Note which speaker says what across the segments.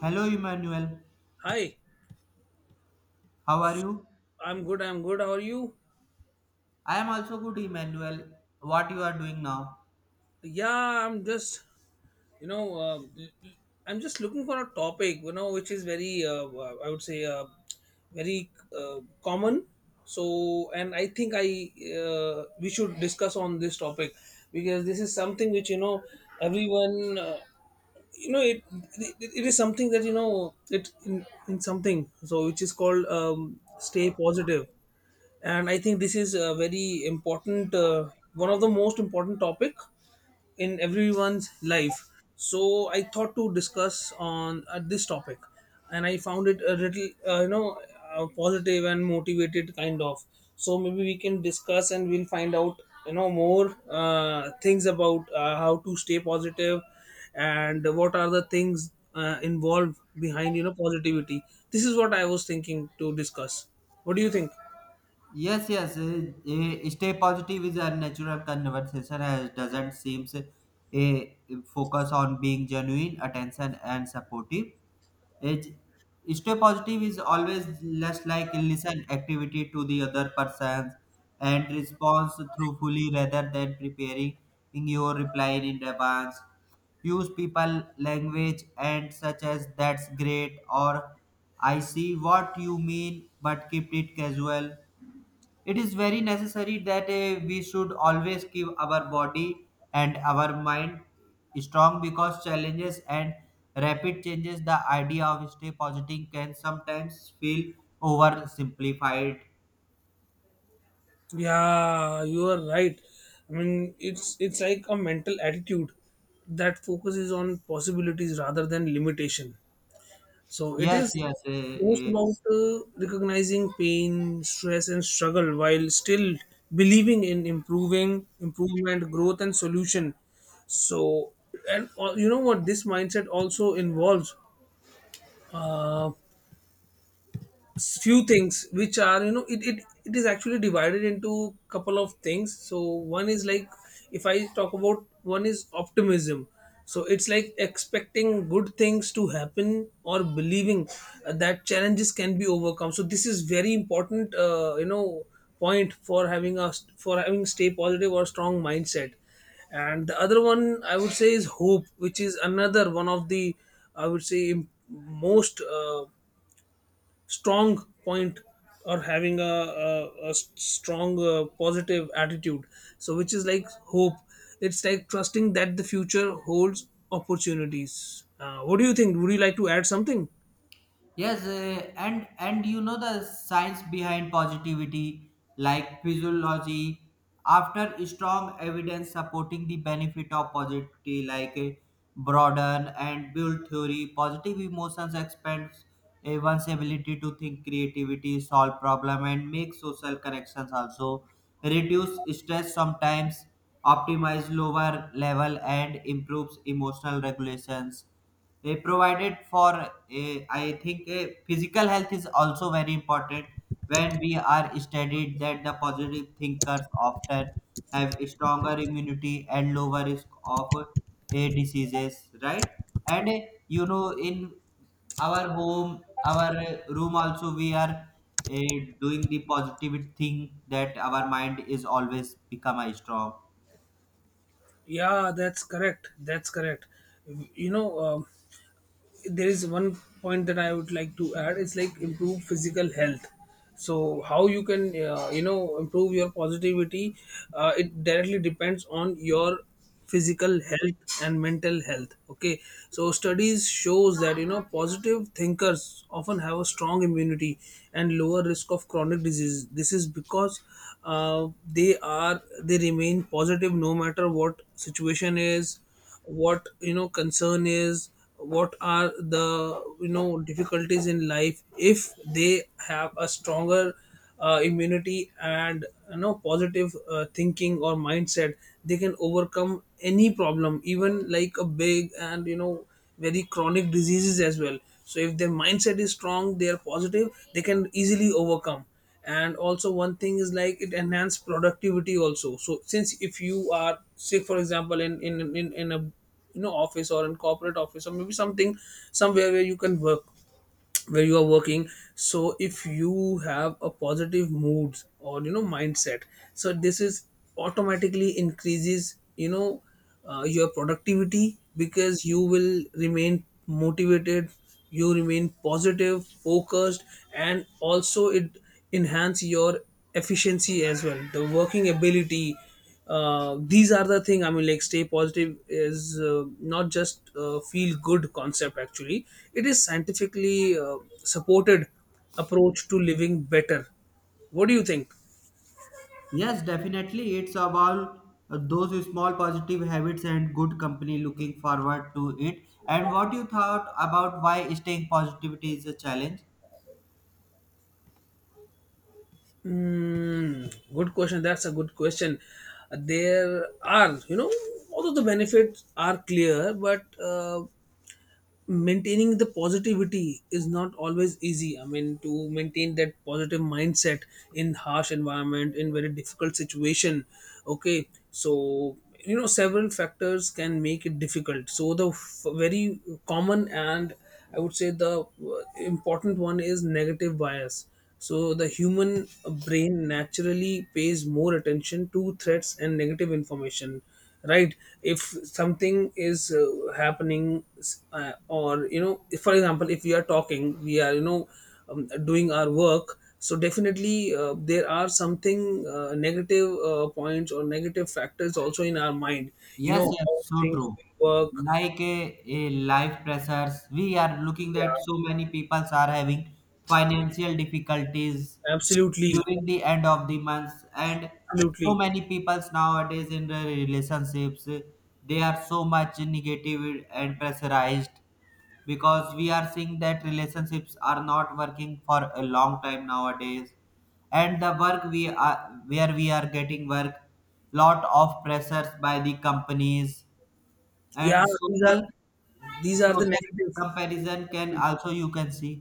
Speaker 1: Hello, Emmanuel.
Speaker 2: Hi,
Speaker 1: How are you?
Speaker 2: I'm good. I'm good. How are you?
Speaker 1: I am also good, Emmanuel. What you are doing now?
Speaker 2: Yeah, I'm just, you know, uh, l- l- I'm just looking for a topic, which is very, I would say, very common. So, and I think I we should discuss on this topic because this is something which you know everyone, you know, it, it it is something that it in something so which is called stay positive. And I think this is a very important one of the most important topic in everyone's life. So I thought to discuss on this topic, and I found it a little positive and motivated kind of. So maybe we can discuss and we'll find out more things about how to stay positive, and what are the things involved behind positivity. This is what I was thinking to discuss. What do you think?
Speaker 1: Yes, yes. Stay positive is a natural conversation as doesn't seem a focus on being genuine, attention, and supportive. It's, Stay positive is always less like listen activity to the other person and response truthfully rather than preparing your reply in advance. Use people language and such as that's great or I see what you mean, but keep it casual. It is very necessary that we should always keep our body and our mind strong, because challenges and rapid changes, the idea of stay positive can sometimes feel oversimplified.
Speaker 2: Yeah, you are right. I mean, it's like a mental attitude that focuses on possibilities rather than limitation. So it
Speaker 1: Yes,
Speaker 2: is
Speaker 1: yes, uh,
Speaker 2: most
Speaker 1: uh,
Speaker 2: about recognizing pain, stress, and struggle while still believing in improving, improvement, growth, and solution. So, and you know what? This mindset also involves. Uh, Few things which are it is actually divided into couple of things. So one is like, if I talk about, one is optimism. So it's like expecting good things to happen, or believing that challenges can be overcome. So this is very important point for having stay positive or strong mindset. And the other one, I would say, is hope, which is another one of the, I would say, most strong point, or having a strong positive attitude. So which is like hope. It's like trusting that the future holds opportunities. What do you think? Would you like to add something?
Speaker 1: Yes, and you know the science behind positivity, like physiology, after strong evidence supporting the benefit of positivity, like broaden and build theory, positive emotions expands one's ability to think, creativity, solve problem, and make social connections. Also, reduce stress sometimes, optimize lower level, and improves emotional regulations they provided for a, I think a physical health is also very important when we are studied that the positive thinkers often have stronger immunity and lower risk of a diseases, right? And you know, in our home, our room also, we are uh, doing the positive thing that our mind is always become a strong.
Speaker 2: Yeah, that's correct. That's correct. you know um, there is one point that I would like to add. It's like improve physical health. So how you can improve your positivity? It directly depends on your physical health and mental health. Okay. So studies shows that positive thinkers often have a strong immunity and lower risk of chronic disease. This is because they remain positive no matter what situation is, what concern is, what are the difficulties in life. If they have a stronger immunity and positive thinking or mindset, they can overcome any problem, even like a big and very chronic diseases as well. So if their mindset is strong, they are positive, they can easily overcome. And also, one thing is like it enhance productivity also. So since, if you are, say for example, in a office, or in corporate office, or maybe something, somewhere where you can work, where you are working, so if you have a positive mood or mindset, so this is automatically increases your productivity because you will remain motivated, you remain positive focused, and also it enhance your efficiency as well, the working ability. These are the thing. I mean, like, stay positive is not just feel good concept actually, it is scientifically supported approach to living better. What do you think?
Speaker 1: Yes, definitely. It's about those small positive habits and good company looking forward to it. And what you thought about why staying positivity is a challenge?
Speaker 2: Mm, good question. That's a good question. There are, although the benefits are clear, but maintaining the positivity is not always easy. I mean, to maintain that positive mindset in harsh environment, in very difficult situation, okay. So several factors can make it difficult. So the very common, and I would say the important one, is negative bias. So the human brain naturally pays more attention to threats and negative information, right? If something is happening, if, for example, if we are talking, we are doing our work. So definitely, there are something negative points or negative factors also in our mind. You
Speaker 1: Yes,
Speaker 2: know
Speaker 1: yes,
Speaker 2: how
Speaker 1: so
Speaker 2: things
Speaker 1: true.
Speaker 2: will work.
Speaker 1: Like a life pressures, we are looking that
Speaker 2: Yeah,
Speaker 1: so many people are having financial difficulties
Speaker 2: absolutely,
Speaker 1: during the end of the month, and so
Speaker 2: absolutely.
Speaker 1: many people nowadays in their relationships, they are so much negative and pressurized, because we are seeing that relationships are not working for a long time nowadays, and the work we are, where we are getting work, lot of pressures by the companies,
Speaker 2: Yeah,
Speaker 1: and
Speaker 2: these are
Speaker 1: social
Speaker 2: these are the
Speaker 1: social
Speaker 2: negative.
Speaker 1: comparison can also you can see.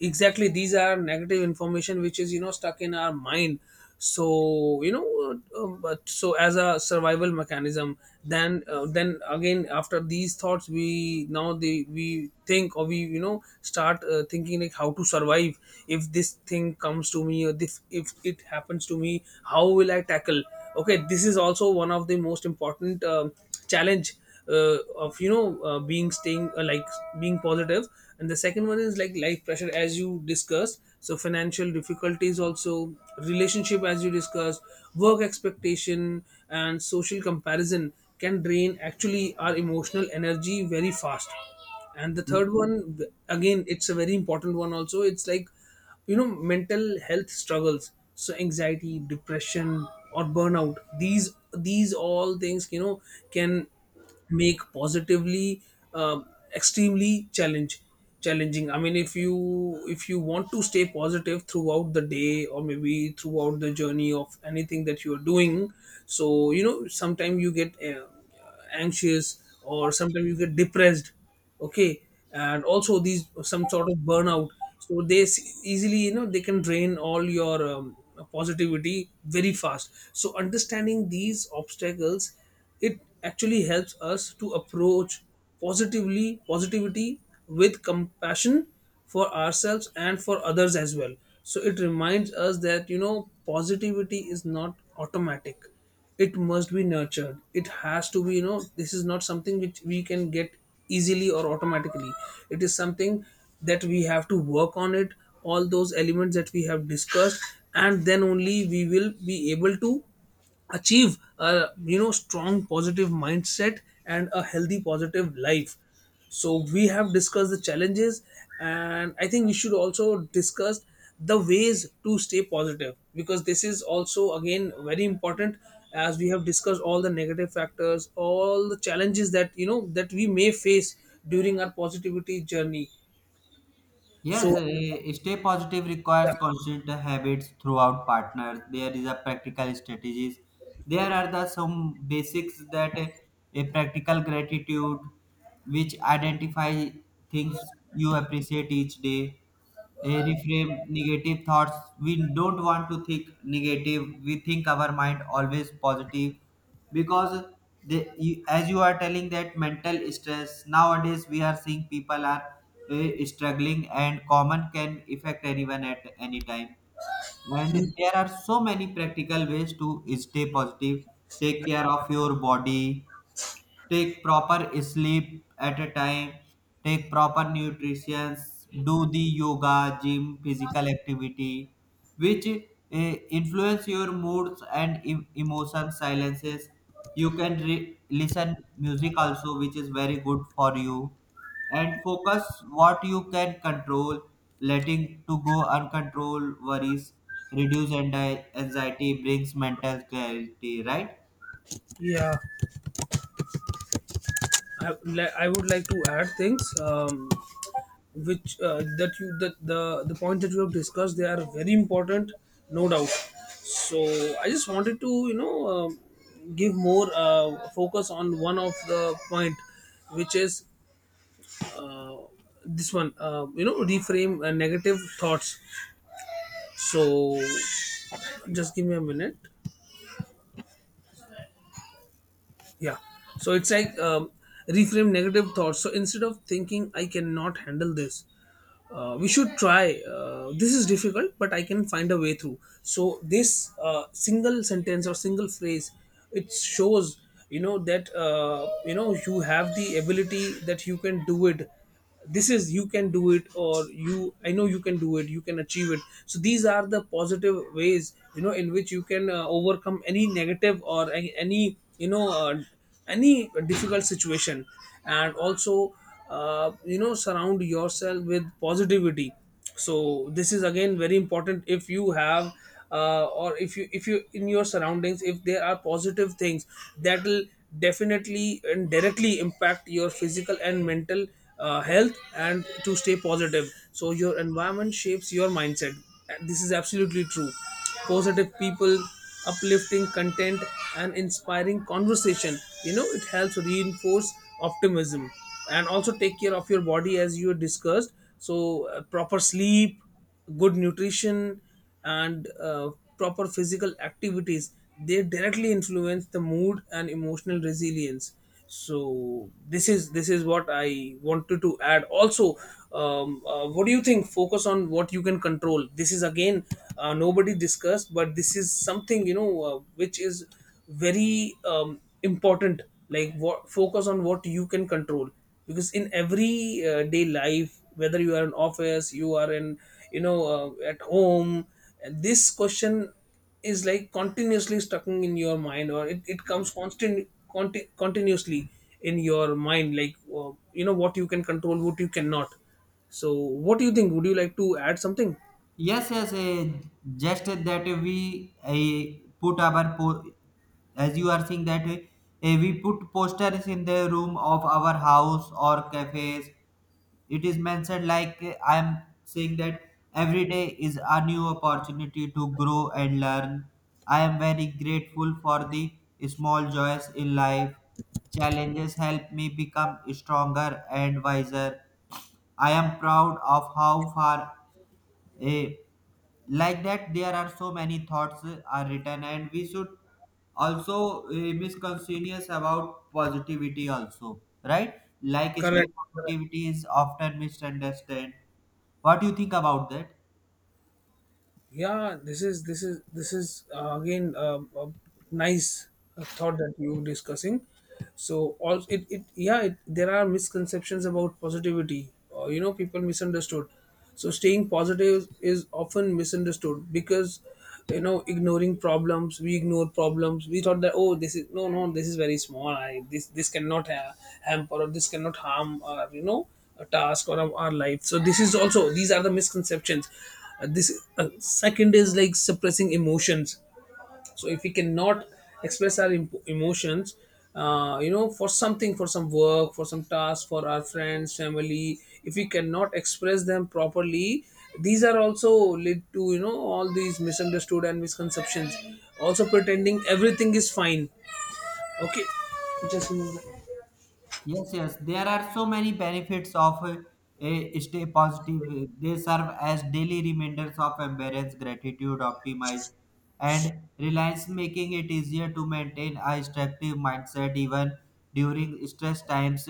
Speaker 2: Exactly, these are negative information which is stuck in our mind. So but so, as a survival mechanism, then again, after these thoughts, we now they we think, or we start thinking like how to survive. If this thing comes to me, or if it happens to me, how will I tackle? Okay, this is also one of the most important challenge of being, staying like, being positive. And the second one is like life pressure, as you discussed, so financial difficulties, also relationship, as you discussed, work expectation and social comparison can drain actually our emotional energy very fast. And the third one, again, it's a very important one also. It's like mental health struggles, so anxiety, depression, or burnout, these all things, can make positively um extremely challenge challenging. I mean, if you want to stay positive throughout the day, or maybe throughout the journey of anything that you are doing, so sometimes you get anxious, or sometimes you get depressed, okay. And also, these some sort of burnout, so they easily, they can drain all your positivity very fast. So understanding these obstacles, it actually helps us to approach positively positivity with compassion for ourselves and for others as well. So it reminds us that positivity is not automatic, it must be nurtured, it has to be. This is not something which we can get easily or automatically. It is something that we have to work on it, all those elements that we have discussed, and then only we will be able to achieve a strong positive mindset and a healthy positive life. So we have discussed the challenges, and I think we should also discuss the ways to stay positive because this is also again very important, as we have discussed all the negative factors, all the challenges that you know that we may face during our positivity journey.
Speaker 1: Yes,
Speaker 2: So
Speaker 1: eh, stay positive
Speaker 2: yeah,
Speaker 1: requires constant habits throughout partners. There is a practical strategies. There are the some basics that a practical gratitude, which identify things you appreciate each day, reframe negative thoughts. We don't want to think negative. We think our mind always positive, because the you, as you are telling that mental stress nowadays we are seeing people are struggling, and common can affect anyone at any time. And there are so many practical ways to stay positive. Take care of your body, take proper sleep at a time, take proper nutrition, do the yoga gym physical activity, which influence your moods and emotion silences. You can listen music also, which is very good for you, and focus what you can control, letting to go uncontrolled worries, reduce anxiety brings mental clarity, right?
Speaker 2: yeah, I, I would like to add things, which that you that the points that you have discussed, they are very important, no doubt. So I just wanted to give more focus on one of the point, which is uh, this one, reframe negative thoughts. So just give me a minute. Yeah. So it's like, reframe negative thoughts. So instead of thinking I cannot handle this, we should try, this is difficult but I can find a way through. So this single sentence or single phrase, it shows that you have the ability, that you can do it. This is you can do it, or you I know you can do it, you can achieve it. So these are the positive ways in which you can overcome any negative, or any you know any difficult situation. And also, surround yourself with positivity. So this is again very important. If you have or if you in your surroundings, if there are positive things, that will definitely and directly impact your physical and mental health and to stay positive. So your environment shapes your mindset. This is absolutely true. Positive people, uplifting content, and inspiring conversation, it helps reinforce optimism. And also take care of your body, as you discussed. So proper sleep, good nutrition, and proper physical activities, they directly influence the mood and emotional resilience. So this is what I wanted to add also. What do you think? Focus on what you can control, this is again, nobody discussed, but this is something which is very important. Like, what, focus on what you can control. Because in every day life, whether you are in office, you are in, at home, this question is like continuously stuck in your mind, or it comes constant, continuously in your mind, like what you can control, what you cannot. So what do you think? Would you like to add something?
Speaker 1: Yes, yes, just that we put our, as you are saying that, we put posters in the room of our house or cafes. It is mentioned like eh, I am saying that every day is a new opportunity to grow and learn. I am very grateful for the small joys in life. Challenges help me become stronger and wiser. I am proud of how far, eh, like that there are so many thoughts are written, and we should also misconceivous about positivity also, right? Like
Speaker 2: Correct.
Speaker 1: state positivity is often misunderstood. What do you think about that?
Speaker 2: Yeah, this is again, a nice thought that you were discussing. So all it, it yeah, there are misconceptions about positivity, people misunderstood. So staying positive is often misunderstood because ignoring problems, we ignore problems, we thought that, oh, this is, no, no, this is very small, I this cannot hamper, or this cannot harm our, a task or our life. So this is also, these are the misconceptions. This second is like suppressing emotions. So if we cannot express our emotions, you know, for something, for some work, for some task, for our friends, family, if we cannot express them properly, these are also lead to, you know, all these misunderstood and misconceptions. Also pretending everything is fine. Okay, just remove that.
Speaker 1: Yes, yes. There are so many benefits of a stay positive. They serve as daily reminders of embrace, gratitude, optimize, and reliance, making it easier to maintain a structive mindset even during stress times.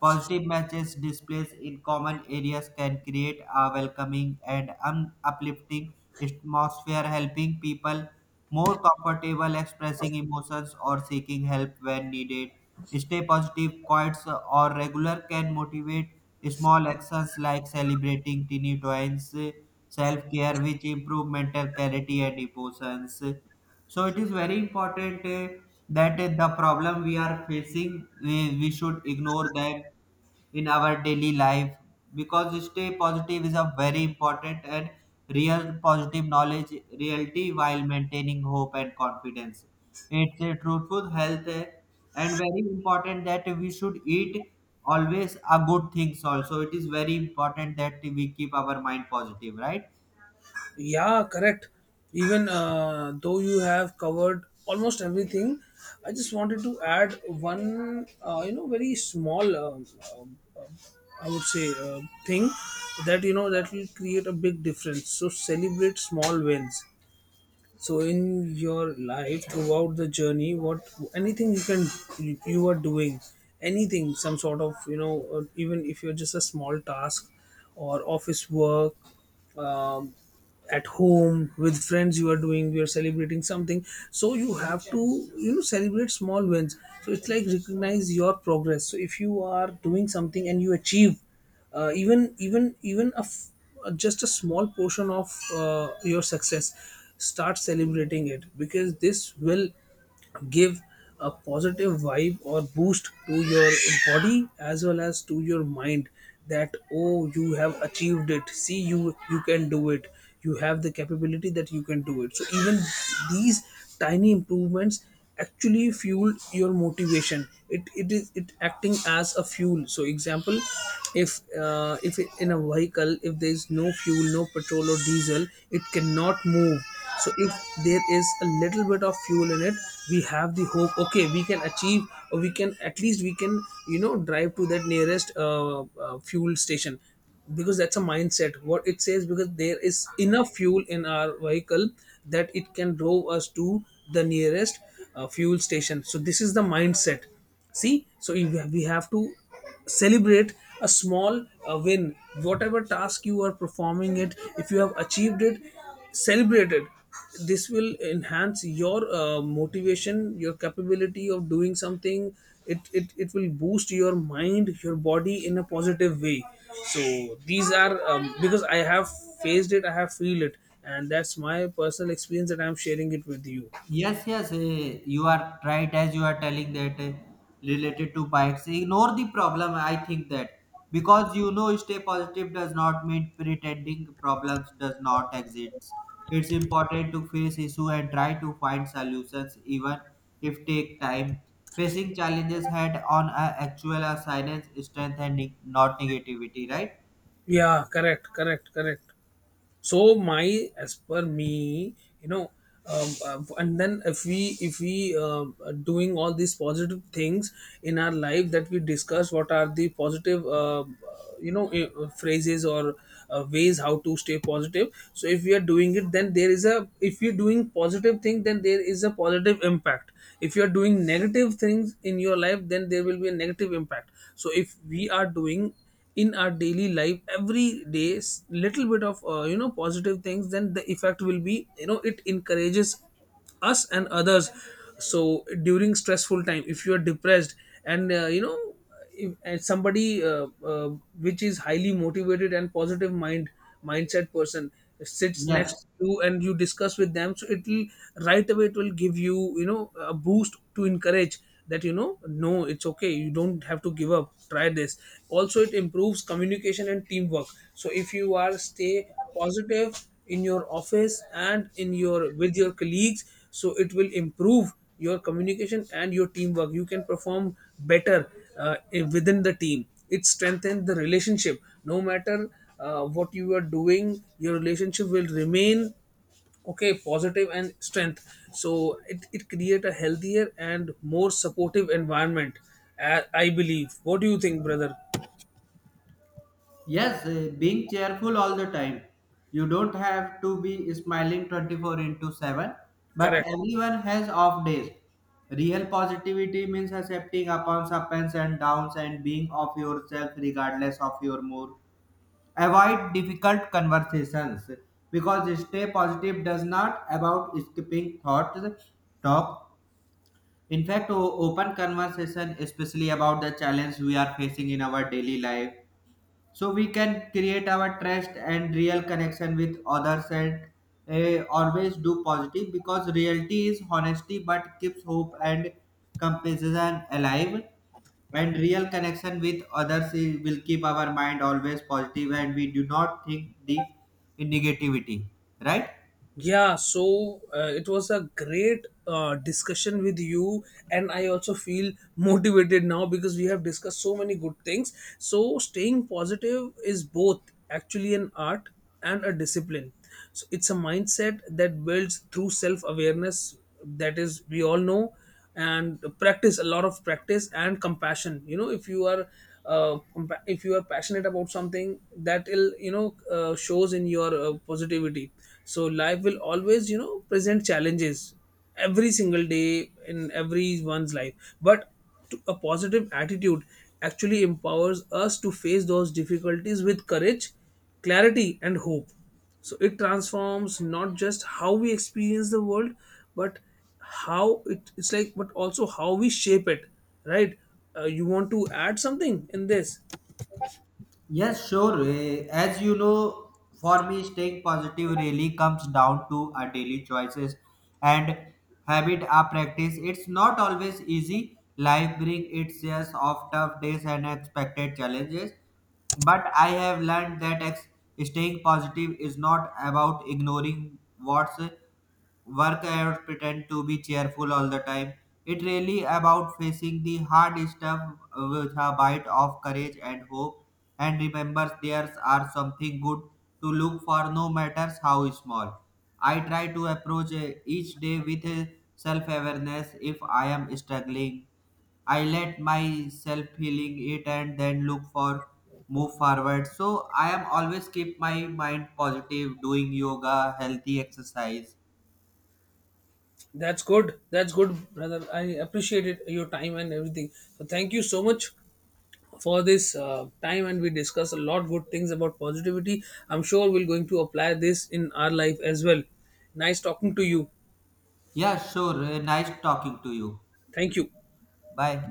Speaker 1: Positive matches displays in common areas can create a welcoming and uplifting atmosphere, helping people more comfortable expressing emotions or seeking help when needed. Stay positive, quotes or regular can motivate small actions like celebrating teeny wins, self-care which improve mental clarity and emotions. So it is very important that the problem we are facing, we should ignore them in our daily life, because stay positive is a very important and real positive knowledge reality while maintaining hope and confidence. It's a truthful health, and very important that we should eat always a good things. Also it is very important that we keep our mind positive, right?
Speaker 2: Yeah, correct. Even though you have covered almost everything, I just wanted to add one, you know, very small, um, um, I would say, thing that, you know, that will create a big difference. So celebrate small wins. So in your life, throughout the journey, what anything you can you are doing, anything, some sort of, you know, even if you're just a small task or office work. Um, at home with friends you are doing, you are celebrating something, so you have to, you know, celebrate small wins. So it's like recognize your progress. So if you are doing something and you achieve uh, even even even a f- just a small portion of your success, start celebrating it, because this will give a positive vibe or boost to your body as well as to your mind, that oh, you have achieved it. See, you can do it, you have the capability that you can do it. So even these tiny improvements actually fuel your motivation. It acting as a fuel. So example, if if in a vehicle if there is no fuel, no petrol or diesel, it cannot move. So if there is a little bit of fuel in it, we have the hope, okay, we can achieve, or we can at least we can, you know, drive to that nearest fuel station, because that's a mindset, what it says, because there is enough fuel in our vehicle that it can drove us to the nearest fuel station. So this is the mindset. See, so if we have to celebrate a small win, whatever task you are performing it, if you have achieved it, celebrated, this will enhance your motivation, your capability of doing something. It will boost your mind, your body in a positive way. So these are because I have faced it, I have feel it, and that's my personal experience that I'm sharing it with you.
Speaker 1: Yes, yes, you are right, as you are telling that, related to bikes. Ignore the problem, I think that, because you know, stay positive does not mean pretending problems does not exist. It's important to face issue and try to find solutions, even if take time. Facing challenges head on a actual a silence, strength, and not negativity. Right?
Speaker 2: Yeah, correct, correct, correct. So my, as per me, you know and then if we are doing all these positive things in our life that we discuss, what are the positive you know, phrases or ways how to stay positive. So if we are doing it, then there is a, if you're doing positive thing then there is a positive impact. If you are doing negative things in your life then there will be a negative impact. So if we are doing in our daily life every day, little bit of you know, positive things, then the effect will be, you know, it encourages us and others. So during stressful time if you are depressed and you know, if and somebody uh, which is highly motivated and positive mindset person sits next
Speaker 1: Yes.
Speaker 2: you and you discuss with them, so it will right away, it will give you, you know, a boost to encourage that, you know, no, it's okay, you don't have to give up, try this. Also, it improves communication and teamwork. So if you are stay positive in your office and in your with your colleagues, so it will improve your communication and your teamwork, you can perform better uh, within the team. It strengthens the relationship, no matter what you are doing, your relationship will remain okay, positive and strength. So it create a healthier and more supportive environment, I believe. What do you think, brother?
Speaker 1: Yes, being cheerful all the time. You don't have to be smiling 24 into 7, but
Speaker 2: Correct.
Speaker 1: everyone has off days. Real positivity means accepting upon ups and downs and being of yourself regardless of your mood. Avoid difficult conversations, because stay positive does not about skipping thoughts talk. In fact, open conversation, especially about the challenge we are facing in our daily life, so we can create our trust and real connection with others, and always do positive, because reality is honesty but keeps hope and compassion alive, and real connection with others will keep our mind always positive, and we do not think the negativity, right?
Speaker 2: Yeah, so it was a great discussion with you, and I also feel motivated now because we have discussed so many good things. So, staying positive is both actually an art and a discipline. So, it's a mindset that builds through self awareness, that is, we all know, and practice, a lot of practice, and compassion. You know, if you are if you are passionate about something, that will, you know, shows in your positivity. So life will always, you know, present challenges every single day in everyone's life, but a positive attitude actually empowers us to face those difficulties with courage, clarity and hope. So it transforms not just how we experience the world, but how, but also how we shape it, right? You want to add something in this?
Speaker 1: Yes, sure. Eh, as you know, for me, staying positive really comes down to our daily choices and habit or practice. It's not always easy. Life brings its shares of tough days and unexpected challenges. But I have learned that staying positive is not about ignoring what's work I would pretend to be cheerful all the time. It really about facing the hard stuff with a bite of courage and hope, and remembers there's are something good to look for, no matters how small. I try to approach each day with self awareness. If I am struggling, I let myself feeling it and then look for move forward. So I am always keep my mind positive, doing yoga, healthy exercise.
Speaker 2: That's good. That's good, brother. I appreciate it, your time and everything. So thank you so much for this time, and we discuss a lot good things about positivity. I'm sure we're going to apply this in our life as well. Nice talking to you.
Speaker 1: Yeah, sure. Nice talking to you.
Speaker 2: Thank you.
Speaker 1: Bye.